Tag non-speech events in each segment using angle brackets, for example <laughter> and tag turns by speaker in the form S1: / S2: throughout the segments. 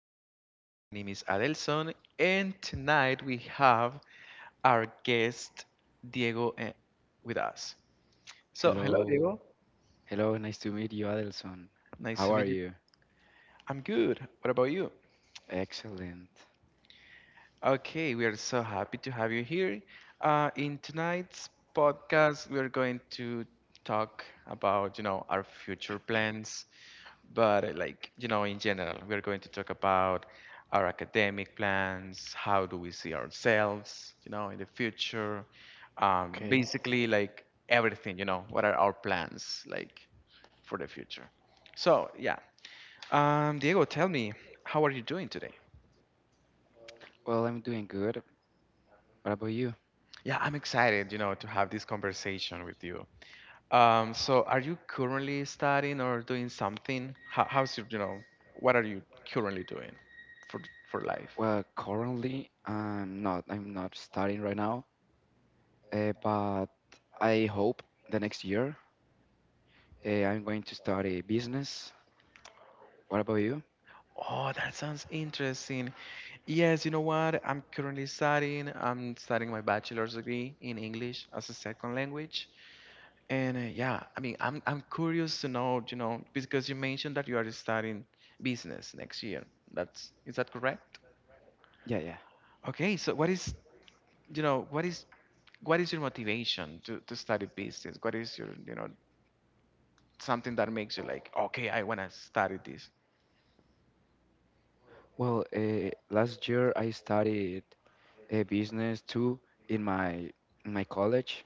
S1: everybody. My name is Adelson, and tonight we have our guest Diego with us. So, hello,
S2: Hello.
S1: Diego.
S2: Hello, nice to meet you, Adelson.
S1: Nice
S2: How
S1: to
S2: are
S1: meet you.
S2: you?
S1: I'm good. What about you?
S2: Excellent.
S1: Okay, we are so happy to have you here. In tonight's podcast, we are going to talk about, our future plans, but like, in general, we are going to talk about our academic plans, how do we see ourselves, in the future,
S2: Okay.
S1: basically like everything, what are our plans like for the future. So, yeah. Diego, tell me, how are you doing today?
S2: Well, I'm doing good. What about you?
S1: Yeah, I'm excited, to have this conversation with you. So, are you currently studying or doing something? How's your, what are you currently doing for for life?
S2: Well, currently, I'm not studying right now, but I hope the next year, I'm going to study business. What about you?
S1: Oh, that sounds interesting. Yes, you know what? I'm currently studying. I'm studying my bachelor's degree in English as a second language. And yeah, I mean, I'm curious to know, because you mentioned that you are studying business next year. That's Is that correct?
S2: Yeah, yeah.
S1: Okay, so you know what is what is your motivation to study business? What is your you know something that makes you like, okay, I want to study this.
S2: Well, last year I studied, business too in my college,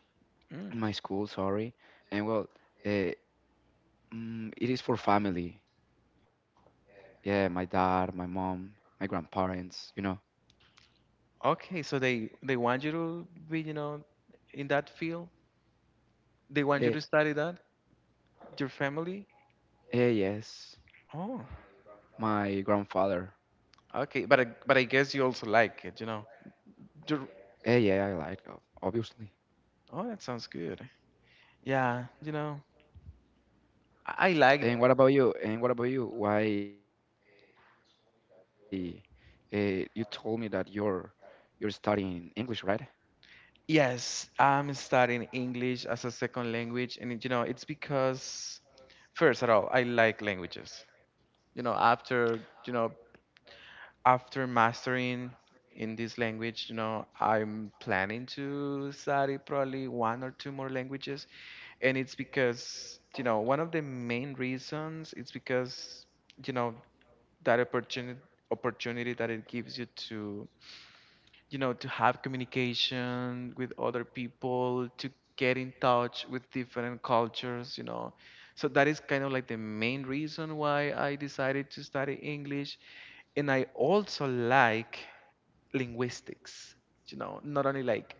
S1: Mm,
S2: in my school, sorry. And well, uh, it is for family. Yeah, my dad, my mom, my grandparents.
S1: okay, so they want you to be, in that field, they want you
S2: Eh,
S1: to study that, your family.
S2: yes.
S1: Oh,
S2: My grandfather.
S1: okay, but but I guess you also like it. Your-
S2: Yeah, I like, obviously.
S1: oh, that sounds good. Yeah, you know I like
S2: And what about you? And what about you? Why, you told me that you're studying English, right?
S1: yes, I'm studying English as a second language, and it's because, first of all, I like languages. After you know after mastering in this language, I'm planning to study probably one or two more languages, and it's because, one of the main reasons, it's because, you know that opportunity that it gives you to have communication with other people, to get in touch with different cultures. So that is kind of like the main reason why I decided to study English. And I also like linguistics, not only like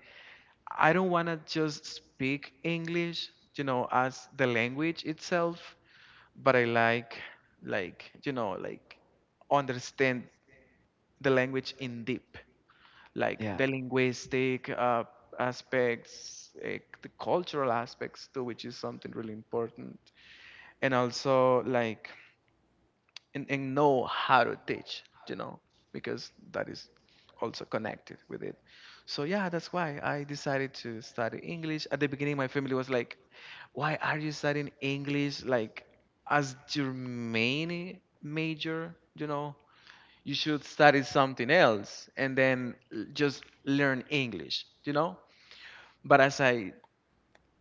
S1: I don't want to just speak English, as the language itself, but I like, like understand the language in deep, like the
S2: Yeah,
S1: linguistic aspects, the cultural aspects too, which is something really important, and also like and know how to teach, because that is also connected with it. So yeah, that's why I decided to study English. At the beginning, my family was like, why are you studying English, like as your main major? You should study something else and then just learn English, but, as I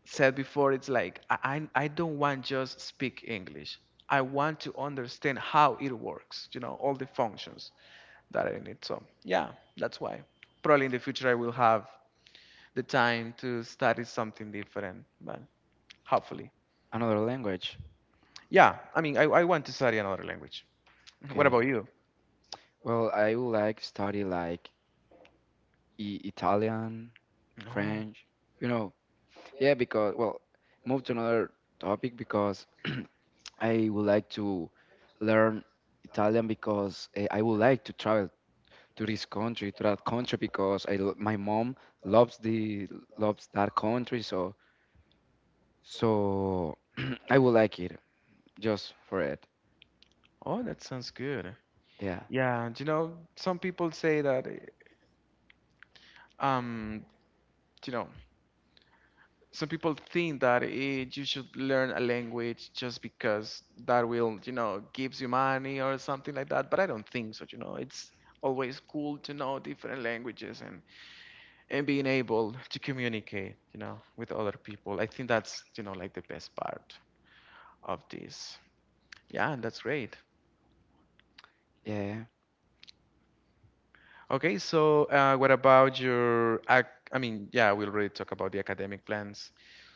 S1: said before, it's like I don't want just speak English. I want to understand how it works, all the functions that are in it. So yeah, that's why. Probably in the future I will have the time to study something different, but hopefully.
S2: another language.
S1: Yeah, I mean I want to study another language. What
S2: Okay.
S1: about you?
S2: Well, I would like study like I Italian,
S1: No.
S2: French, you know. Yeah, because well, move to another topic because <clears throat> I would like to learn Italian because I would like to travel to this country, to that country because my mom loves the loves that country, so so <clears throat> I would like it just for it.
S1: Oh, that sounds good.
S2: Yeah,
S1: Yeah, some people say that, um, you know, some people think that you should learn a language just because that will, gives you money or something like that. But I don't think so. It's always cool to know different languages and being able to communicate, with other people. I think that's, like the best part of this. Yeah, and that's great.
S2: yeah, yeah.
S1: Okay, so what about I mean, yeah, we already talked about the academic plans.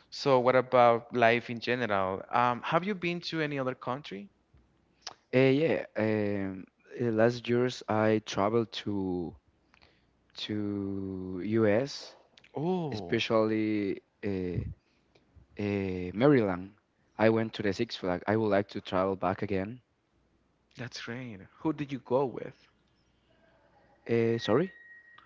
S1: So what about life in general? Have you been to any other country?
S2: Yeah. Last years I traveled to U.S.,
S1: Oh,
S2: especially Maryland. I went to the Six Flags. I would like to travel back again.
S1: that's great. Who did you go with?
S2: Sorry.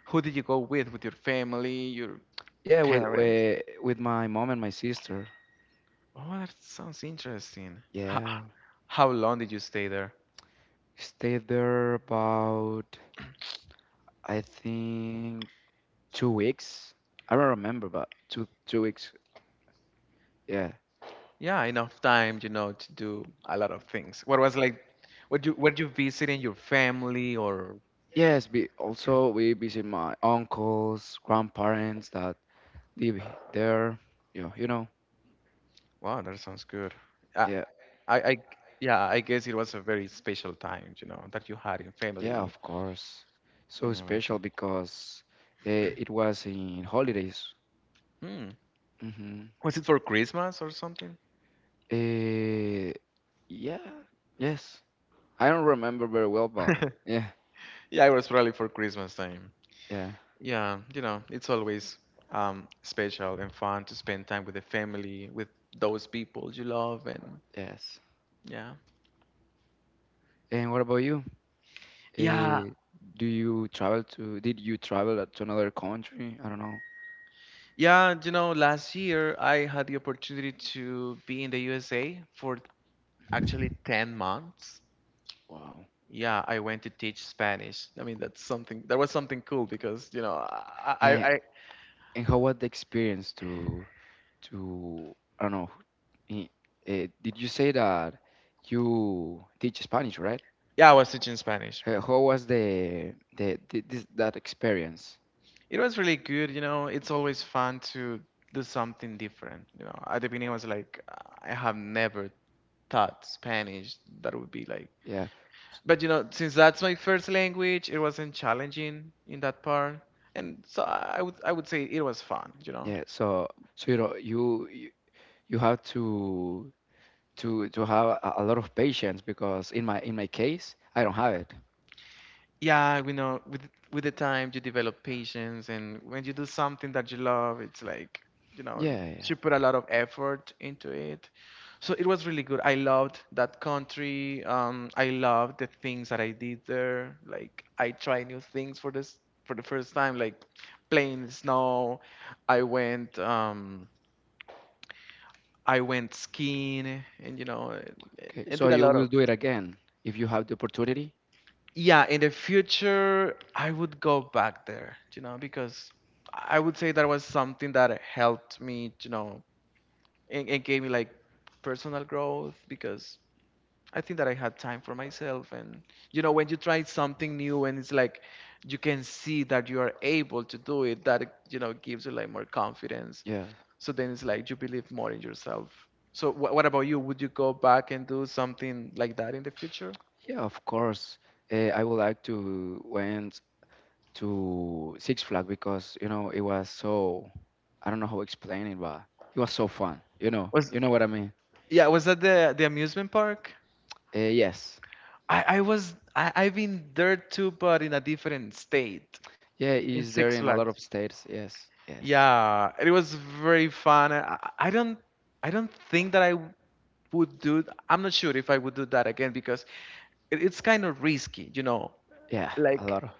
S1: Who did you go with? With your family, your
S2: Yeah, with
S1: parents?
S2: uh, with my mom and my sister.
S1: Oh, that sounds interesting. How,
S2: Yeah,
S1: how long did you stay there?
S2: stayed there about I think 2 weeks. I don't remember, but two weeks. Yeah.
S1: Yeah, enough time, to do a lot of things. Were you visiting your family or?
S2: Yes. We also we visit my uncles, grandparents that live there. You know, you know.
S1: Wow, that sounds good.
S2: Yeah.
S1: I, I, I- yeah, I guess it was a very special time, that you had in
S2: Yeah. Of
S1: family
S2: course. So
S1: and
S2: special
S1: everything.
S2: because it was in holidays.
S1: Hmm.
S2: Mm-hmm.
S1: Was it for Christmas or something?
S2: Uh, yeah. Yes. I don't remember very well, but
S1: <laughs>
S2: yeah.
S1: Yeah, it was probably for Christmas time.
S2: Yeah,
S1: Yeah, it's always special and fun to spend time with the family, with those people you love, and
S2: yes.
S1: yeah.
S2: And what about you?
S1: Yeah,
S2: Uh, do you travel to, did you travel, to another country? I don't know.
S1: yeah, last year I had the opportunity to be in the USA for actually 10 months.
S2: Wow.
S1: Yeah, I went to teach Spanish. I mean, that was something cool because,
S2: And
S1: I
S2: and how was the experience to, I don't know. i- did you say that you teach Spanish, right?
S1: yeah, I was teaching Spanish.
S2: How was the this, that experience?
S1: It was really good, it's always fun to do something different. At the beginning I was like, I have never thought Spanish. That would be like.
S2: Yeah, s-
S1: But since that's my first language, it wasn't challenging in that part, and so I would say it was fun. You know,
S2: yeah. So, you have to have a lot of patience because in my case I don't have it.
S1: Yeah, we know with the time you develop patience, and when you do something that you love, it's like, you know,
S2: Yeah, yeah.
S1: you put a lot of effort into it. So it was really good. I loved that country. I loved the things that I did there. Like I tried new things for the first time, like playing in the snow. I went um I went skiing, and and
S2: Okay,
S1: and
S2: so
S1: did a
S2: you
S1: lot
S2: will
S1: of
S2: do it again if you have the opportunity?
S1: yeah in the future I would go back there, because I would say that was something that helped me, and gave me like personal growth, because I think that I had time for myself, and when you try something new, and it's like you can see that you are able to do it, that gives you like more confidence,
S2: Yeah.
S1: so then it's like you believe more in yourself. So what about you? Would you go back and do something like that in the future
S2: Yeah, of course. I would like to went to Six Flags because, it was so I don't know how to explain it, but it was so fun.
S1: was.
S2: You know what I mean?
S1: Yeah, was that the amusement park?
S2: Yes.
S1: I was I I've been there too, but in a different state.
S2: Yeah,
S1: In
S2: is there
S1: Six
S2: in a lot
S1: Flags.
S2: of states? Yes. Yes.
S1: Yeah, it was very fun. I don't think that I would do. I'm not sure if I would do that again, because it's kind of risky.
S2: Yeah, a
S1: Like,
S2: lot of.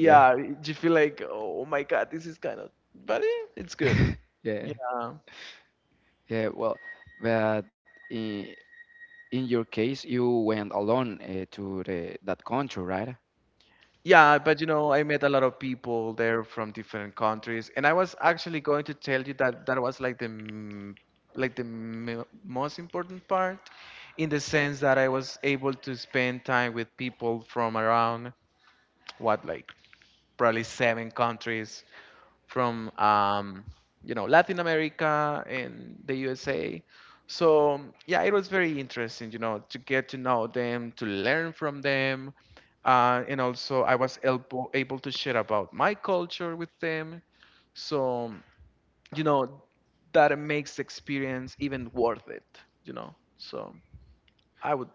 S2: Yeah.
S1: you feel like, oh my god, this is kind of. But it's good.
S2: <laughs> Yeah.
S1: Yeah.
S2: Yeah, well, but in in your case, you went alone, to the that country, right?
S1: Yeah, but I met a lot of people there from different countries, and I was actually going to tell you that that was like most important part, in the sense that I was able to spend time with people from around what like probably seven countries, from Latin America and the USA. So yeah, it was very interesting, to get to know them, to learn from them, and also I was able to share about my culture with them. So you know that makes the experience even worth it. So I would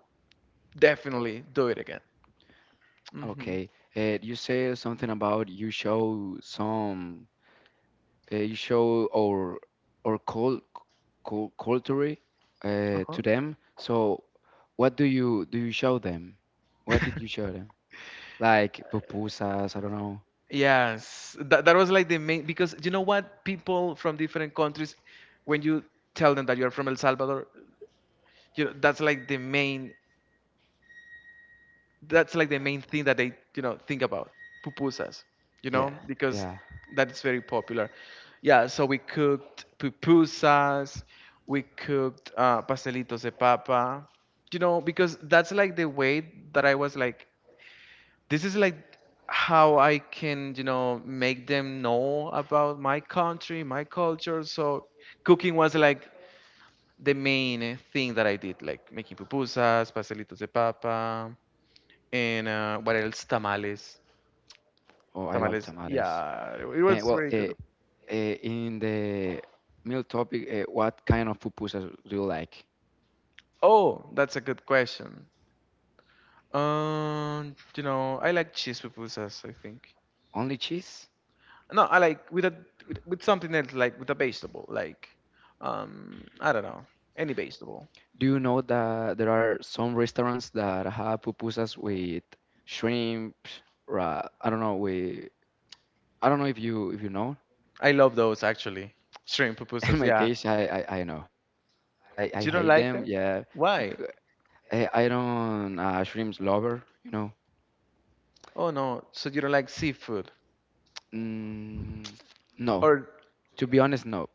S1: definitely do it again. Hmm.
S2: Okay. You say something about you show some, you show or culture,
S1: Uh-huh.
S2: to them. So what do you show them? What did you show them? Like pupusas, I don't know.
S1: Yes, that was like the main, because you know what, people from different countries, when you tell them that you're from El Salvador, that's like the main thing that they think about pupusas,
S2: Yeah,
S1: because
S2: yeah.
S1: that is very popular. Yeah, so we cooked pupusas, we cooked pastelitos de papa, because that's like the way that I was like, this is like how I can, make them know about my country, my culture. So cooking was like the main thing that I did, like making pupusas, pastelitos de papa, and what else? Tamales.
S2: Oh, I love tamales.
S1: Yeah, it
S2: And well,
S1: was very good.
S2: in the meal topic, what kind of pupusas do you like?
S1: Oh, that's a good question. I like cheese pupusas, I think.
S2: Only cheese?
S1: No, I like with a with something else, like with a vegetable, like I don't know, any vegetable.
S2: Do you know that there are some restaurants that have pupusas with shrimp? I don't know. We I don't know if you know.
S1: I love those actually. Shrimp
S2: <laughs> In
S1: pupusas,
S2: my
S1: yeah.
S2: case, I know. I
S1: You don't
S2: hate
S1: like
S2: them.
S1: them?
S2: Yeah,
S1: Why?
S2: because I don't, shrimps lover. You know.
S1: Oh no, so you don't like seafood?
S2: Mm, no,
S1: Or
S2: to be honest, no.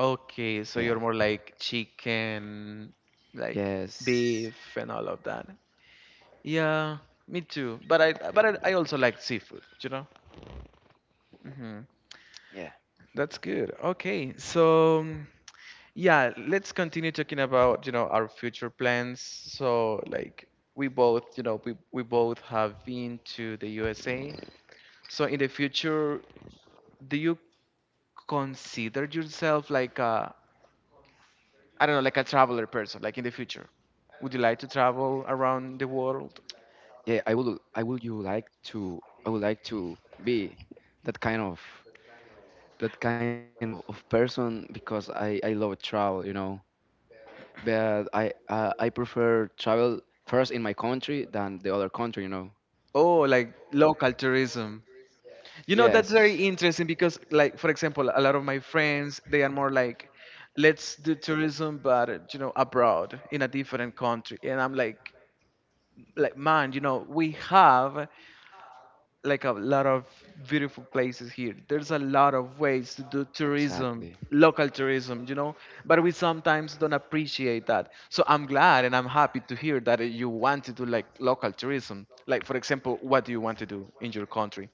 S1: okay, so
S2: Yeah.
S1: you're more like chicken, like
S2: Yes.
S1: beef and all of that. Yeah, me too. I also like seafood, you know? Hmm.
S2: Yeah.
S1: That's good. Okay, so yeah, let's continue talking about, our future plans. So, like, we both, you know, we both have been to the USA. So in the future, do you consider yourself like a, I don't know, like a traveler person, like in the future? Would you like to travel
S2: Yeah. I
S1: around the
S2: will.
S1: world?
S2: I would. You like to? I would like to be that kind of. that kind of person because I love travel. But I prefer travel first in my country than the other country.
S1: Oh, like local tourism. You know, that's very
S2: Yes.
S1: interesting because, like, for example, a lot of my friends, they are more like, let's do tourism, but, abroad in a different country. And I'm like, man, we have like a lot of beautiful places here. There's a lot of ways to do
S2: Exactly.
S1: tourism, local tourism, but we sometimes don't appreciate that. So I'm glad and I'm happy to hear that you want to do like local tourism. Like, for example, what do you want to do in your country?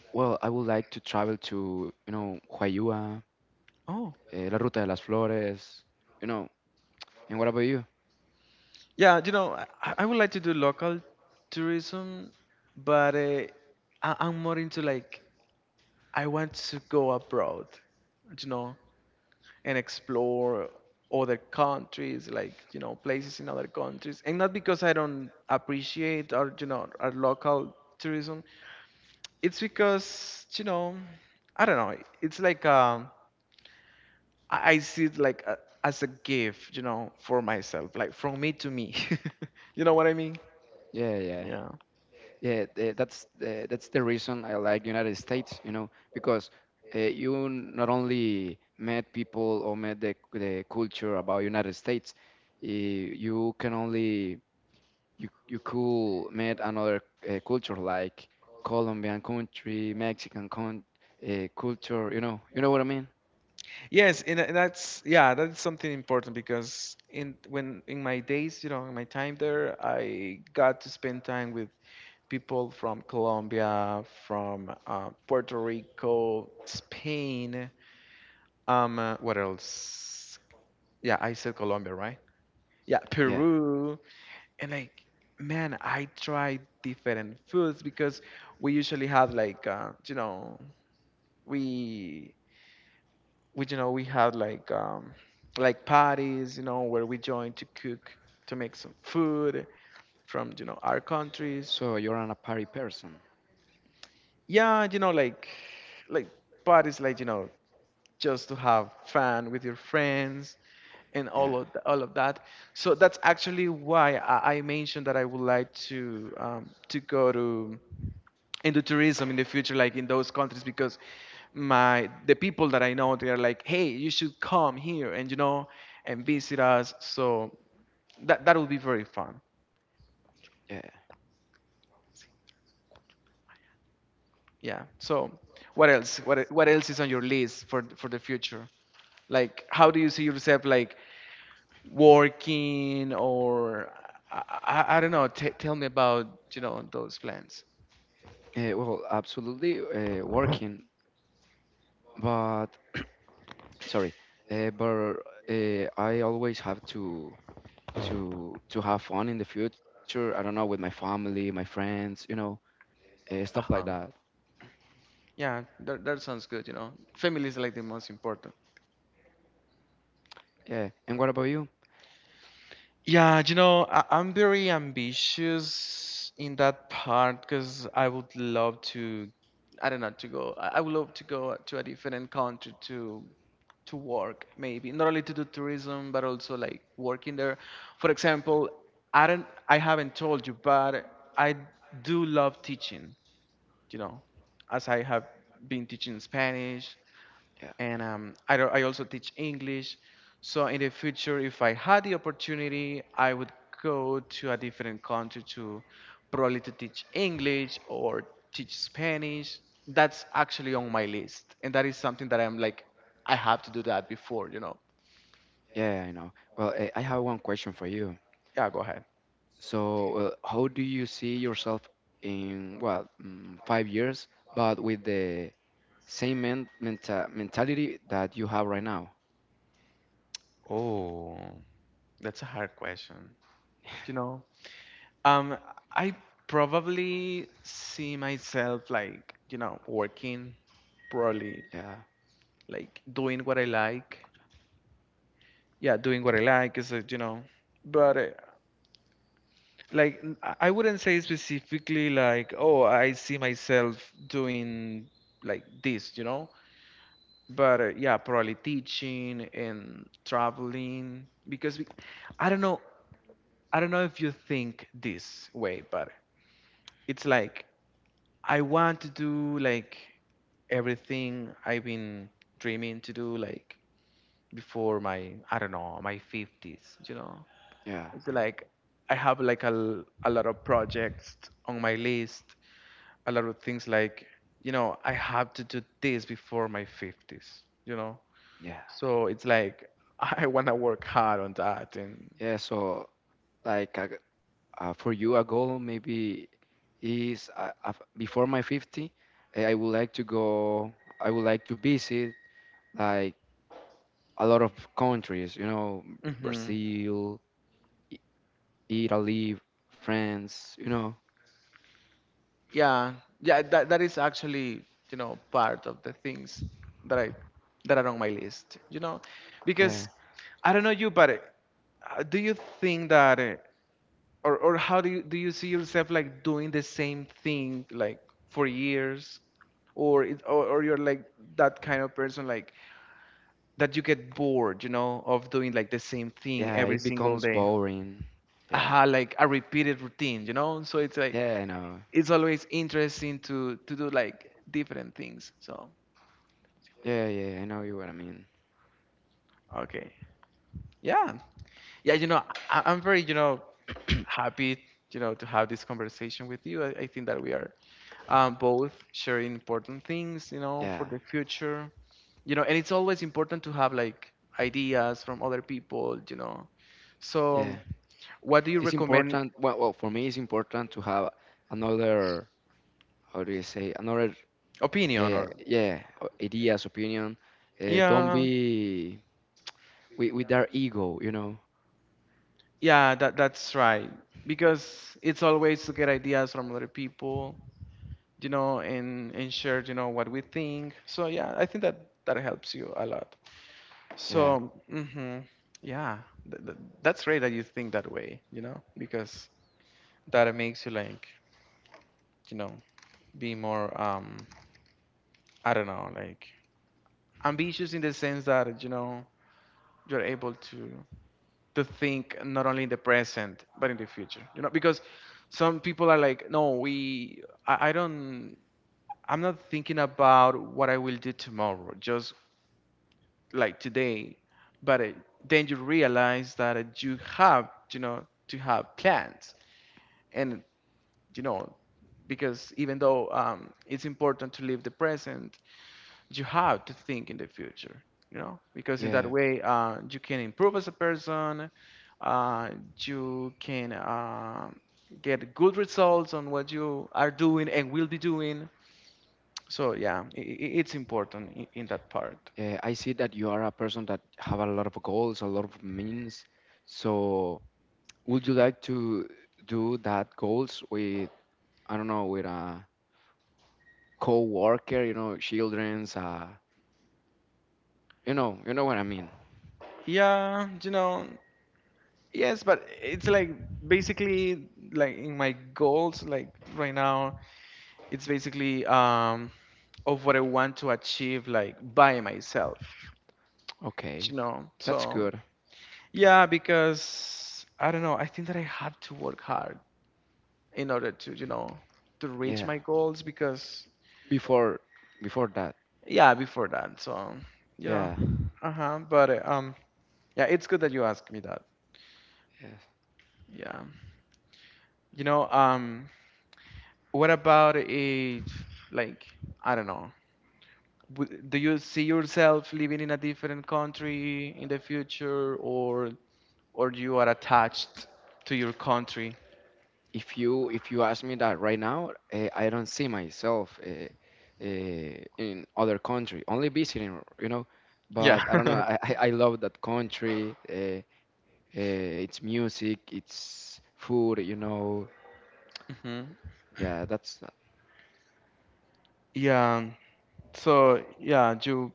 S2: Well, I would like to travel to, Huayua,
S1: Oh,
S2: La Ruta de las Flores, you know. And what about you?
S1: yeah, I would like to do local tourism, but I'm more into like, I want to go abroad, you know. And explore other countries, like places in other countries. And not because I don't appreciate our you know our local tourism. It's because I don't know. It's like I see it as a gift, for myself, like from me to me. <laughs> You know what I mean?
S2: Yeah, yeah.
S1: Yeah.
S2: Yeah, that's the reason I like United States, because you not only met people or met the culture about United States, you can only you could meet another, culture like Colombian country, Mexican con culture, you know what I mean?
S1: Yes, and that's, yeah, that's something important because in my days, in my time there, I got to spend time with people from Colombia, from Puerto Rico, Spain. What else? Yeah, I said Colombia, right? Yeah,
S2: Yeah.
S1: Peru. And like, man, I tried different foods because we usually have like, we, we have like parties, where we join to cook, to make some food from, our
S2: So you're
S1: countries.
S2: an a party person.
S1: Yeah, like parties, just to have fun with your friends and
S2: Yeah.
S1: all of that. So that's actually why I mentioned that I would like to go to into tourism in the future, like in those countries, because my the people that I know they are like, hey, you should come here and and visit us. So that would be very fun.
S2: Yeah.
S1: Yeah. So what else? What else is on your list for the future? Like, how do you see yourself? Like working or I don't know. Tell me about those plans.
S2: Well, absolutely, working, but sorry, but, I always have to have fun in the future. I don't know, with my family, my friends, stuff
S1: Uh
S2: like
S1: huh.
S2: that.
S1: Yeah, that sounds good. Family is like the most important.
S2: Yeah. And what about you?
S1: Yeah, I'm very ambitious in that part because I would love to, I don't know, to go. I would love to go to a different country to work, maybe not only to do tourism but also like working there. For example, I haven't told you, but I do love teaching. You know, as I have been teaching Spanish
S2: Yeah,
S1: and I, don't- I also teach English. So in the future, if I had the opportunity, I would go to a different country to probably to teach English or teach Spanish. That's actually on my list, and that is something that I'm like, I have to do that before.
S2: yeah, I know. Well, I have one question for you.
S1: Yeah, go ahead.
S2: So, how do you see yourself in, well, 5 years, but with the same mentality that you have right now?
S1: Oh, that's a hard question. You know, um, I probably see myself like, working probably,
S2: Yeah,
S1: like doing what I like. Yeah, doing what I like is, but like I wouldn't say specifically like, oh, I see myself doing like this. But yeah, probably teaching and traveling because I don't know, I don't know if you think this way, but it's like I want to do like everything I've been dreaming to do, like before my I don't know my 50s.
S2: yeah,
S1: It's
S2: I know.
S1: like I have like a lot of projects on my list, a lot of things like I have to do this before my 50s.
S2: Yeah,
S1: So it's like <laughs> I want to work hard on that, and
S2: yeah. So, like a, for you a goal maybe is, before my 50, I would like to go, I would like to visit, like, a lot of countries, you know,
S1: hmm
S2: Brazil, I- Italy, France, you know.
S1: yeah, yeah, that is actually part of the things that I that are on my list, because
S2: Yeah,
S1: I don't know you, but do you think that or how do you see yourself like doing the same thing like for years, or you're like that kind of person like that you get bored of doing like the same thing
S2: yeah.
S1: every
S2: It
S1: single
S2: becomes
S1: day?
S2: boring. Yeah,
S1: Aha. Like a repeated routine. So it's like
S2: yeah, I know.
S1: it's always interesting to do like different things. So
S2: Yeah, yeah, I know you what I mean.
S1: okay. Yeah, yeah, I'm very happy, to have this conversation with you. I think that we are both sharing important things, for
S2: Yeah,
S1: the future. And it's always important to have like ideas from other people. So,
S2: yeah.
S1: what do you
S2: It's
S1: recommend?
S2: important. Well, for me, it's important to have another. How do you say? Another.
S1: Opinion or
S2: Yeah, ideas, opinion. Don't
S1: yeah,
S2: be with their ego. You know.
S1: yeah, that's right. Because it's always to get ideas from other people, and share, what we think. So yeah, I think that that helps you a lot.
S2: Yeah.
S1: So, hmm, yeah, that's great that you think that way, because that it makes you like, you know, be more, I don't know, like ambitious in the sense you're able to think not only in the present but in the because some people are like, no, we, I don't, I'm not thinking about what I will do tomorrow, just like today, but then you realize that you have, to have plans, and you know, because even though it's important to live the present, you have to think in the future, because in
S2: Yeah.
S1: that way you can improve as a person. uh, you can get good results on what you are doing and will be doing. So yeah, it's important in that part.
S2: Yeah. I see that you are a person that have a lot of goals, a lot of means. So, would you like to do that goals with? I don't know, with a co-worker. You know, childrens. You know. You know what I mean.
S1: Yeah, yes, but it's like basically like in my goals like right now it's basically of what I want to achieve like by myself,
S2: Okay.
S1: you know.
S2: That's
S1: So
S2: good.
S1: yeah, because I don't know, I think that I have to work hard in order to, to reach
S2: Yeah.
S1: my goals because
S2: before before that.
S1: yeah, before that. So, you know,
S2: Yeah,
S1: uh-huh, but yeah, it's good that you asked me that.
S2: yeah.
S1: Yeah. You know, um what about a like, I don't know, do you see yourself living in a different country in the future, or you are attached to your country?
S2: If you ask me that right now, I don't see myself, in other country, only visiting,
S1: Yeah.
S2: but I don't know,
S1: <laughs>
S2: I love that country, its music, its food you know
S1: Hmm.
S2: yeah that's
S1: Yeah. So yeah, you.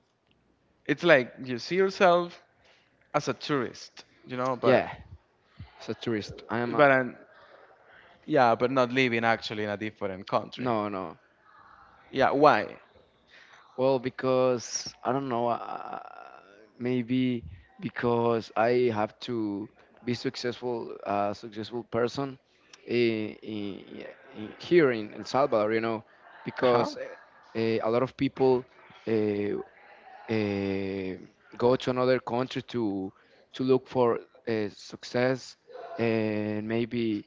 S1: It's like you see yourself as a tourist, but
S2: yeah as a tourist, I am
S1: but
S2: a,
S1: um, yeah, but not living actually in a different country.
S2: no, no.
S1: Yeah. Why?
S2: Well, because I don't know, maybe because I have to be successful, a successful person in, in, here in El Salvador,
S1: Huh?
S2: because, a lot of people, uh, uh, go to another country to look for, success, and maybe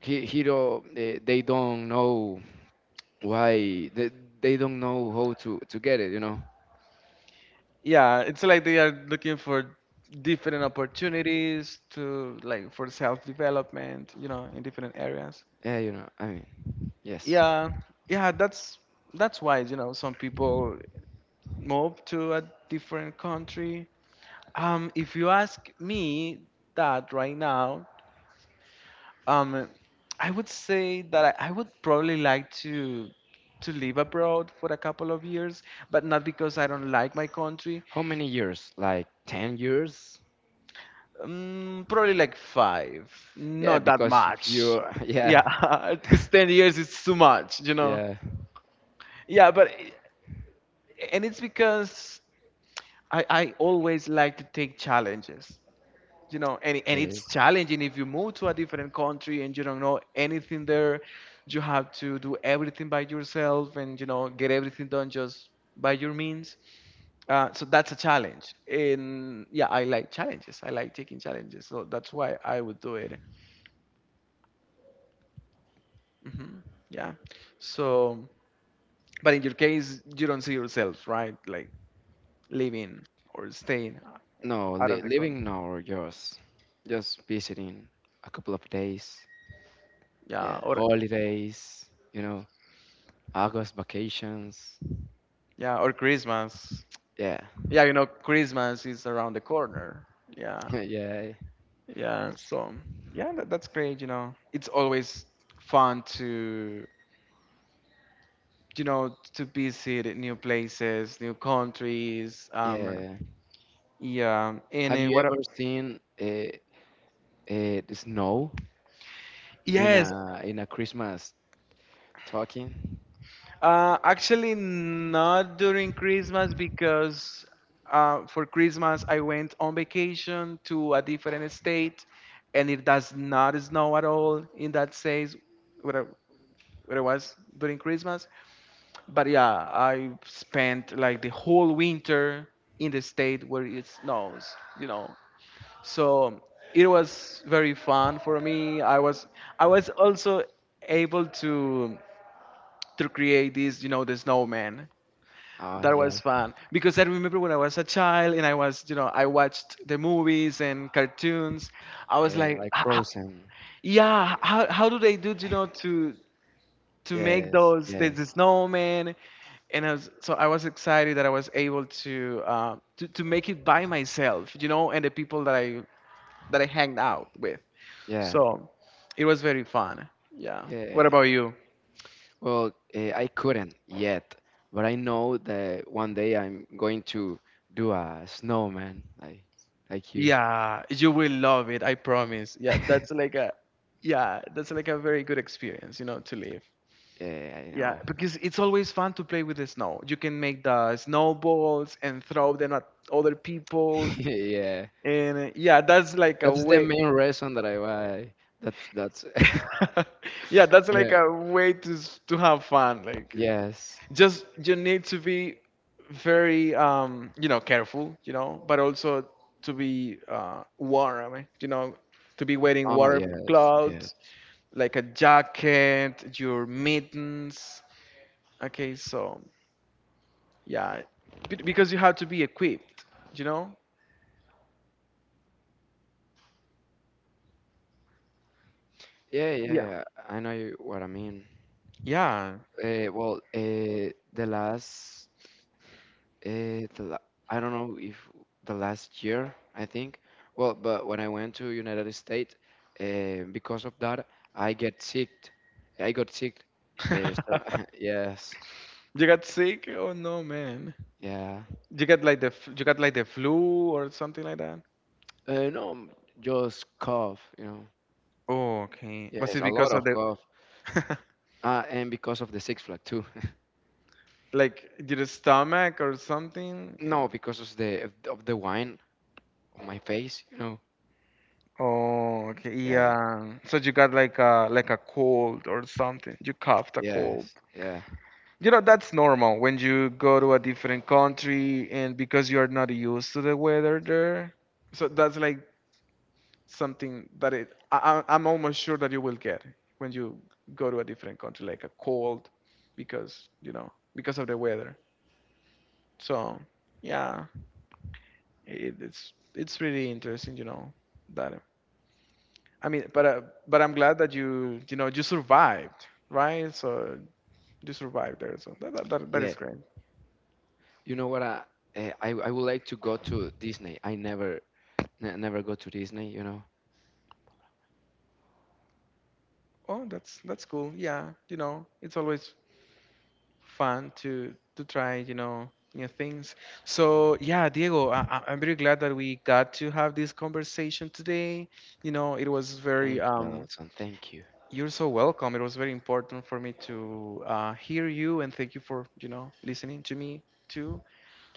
S2: he don't, they don't know why they don't know how to get it.
S1: Yeah. It's like they are looking for different opportunities to like for self development, in different areas.
S2: Yeah, I mean, yes.
S1: Yeah, yeah, that's why some people move to a different country. If you ask me that right now, um i, would say that I would probably like to live abroad for a couple of years, but not because I don't like my country.
S2: How many years? Like 10 years?
S1: Probably like five,
S2: Yeah,
S1: not that
S2: because if
S1: much,
S2: you <laughs> yeah,
S1: yeah. <laughs> Because 10 years is too much,
S2: <laughs> yeah,
S1: yeah. But and it's because I always like to take challenges. And
S2: okay.
S1: it's challenging if you move to a different country and you don't know anything there. You have to do everything by yourself and, get everything done just by your means. So that's a challenge. And yeah, I like challenges. I like taking challenges. So that's why I would do it. Hmm, yeah. So, but in your case, you don't see yourself, right? Like living or staying
S2: No,
S1: out
S2: li
S1: of the country.
S2: living now or just visiting a couple of days?
S1: Yeah.
S2: Yeah,
S1: Or
S2: holidays, you know, August vacations.
S1: yeah, or Christmas.
S2: Yeah,
S1: Yeah, Christmas is around the corner. Yeah,
S2: <laughs> yeah,
S1: yeah. So yeah, that's great. It's always fun to to visit new places, new countries.
S2: yeah.
S1: Yeah. And
S2: Have you
S1: what?
S2: ever seen, the snow in
S1: Yes.
S2: a Christmas talking?
S1: Actually, not during Christmas because for Christmas I went on vacation to a different state, and it does not snow at all in that states where it was during Christmas. But yeah, I spent like the whole winter in the state where it snows. So it was very fun for me. I was also able to create the snowman.
S2: Ah,
S1: That was
S2: yes,
S1: fun because I remember when I was a child and I was, you know, I watched the movies and cartoons. I was
S2: yeah,
S1: like,
S2: like
S1: "Ah, ah,
S2: frozen.
S1: yeah, how do they do, to make
S2: Yes,
S1: the
S2: yes,
S1: snowman?" And so I was excited that I was able to make it by myself, and the people that I hanged out with.
S2: yeah,
S1: So it was very fun. Yeah.
S2: yeah.
S1: What about you?
S2: Well, I couldn't yet, but I know that one day I'm going to do a snowman like you.
S1: Yeah, you will love it. I promise. Yeah, that's like
S2: <laughs>
S1: a yeah, that's like a very good experience, To live.
S2: Yeah, I
S1: Yeah,
S2: know.
S1: because it's always fun to play with the snow. You can make the snowballs and throw them at other people.
S2: <laughs> Yeah,
S1: And yeah, that's like a
S2: that's the
S1: way.
S2: main reason that I why. That's. <laughs>
S1: <laughs> Yeah, that's like
S2: Yeah.
S1: a way to have fun. Like,
S2: Yes.
S1: just you need to be very careful, but also to be warm, to be wearing
S2: Oh
S1: warm
S2: yes, yes.
S1: clothes like a jacket, your mittens. Okay, so yeah, because you have to be equipped, you know.
S2: Yeah,
S1: Yeah.
S2: yeah. I know what I mean.
S1: Yeah.
S2: Well, the last, Eh, the la- I don't know if the last year, I think. Well, but when I went to United States, because of that, I get sick. I got sick. So
S1: <laughs>
S2: <laughs> yes,
S1: You got sick? Oh no, man.
S2: yeah.
S1: You got like the flu or something like.
S2: No, just cough.
S1: Oh. Okay. Was
S2: Yes,
S1: it
S2: a lot
S1: because of
S2: of
S1: the
S2: cough.
S1: <laughs>
S2: Ah, and because of the Six Flag too. <laughs>
S1: like your stomach or something?
S2: No, because of the wine on my face.
S1: Oh, okay.
S2: Yeah.
S1: Yeah. So you got like a cold or something. You coughed a cold.
S2: Yes. Yeah.
S1: That's normal when you go to a different country and because you are not used to the weather there. So that's like something that it I- I'm almost sure that you will get when you go to a different country, like a cold because, because of the weather. So, yeah. It's really interesting, that I mean, but but I'm glad that you survived, right? So you survived there, so that that
S2: Yeah.
S1: is great.
S2: You know what? I eh, I would like to go to Disney. I never never go to Disney.
S1: Oh, that's cool. Yeah, it's always fun to try, new things. So yeah, Diego, I'm very glad that we got to have this conversation today. You know, it was very
S2: Thank you,
S1: um.
S2: Alonso. Thank you.
S1: You're so welcome. It was very important for me to hear you, and thank you for listening to me too.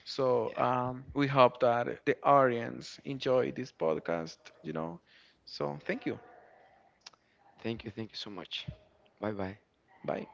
S1: So
S2: Yeah.
S1: we hope that the audience enjoy this podcast, you know. So thank you.
S2: Thank you. Thank you so much. Bye bye.
S1: Bye.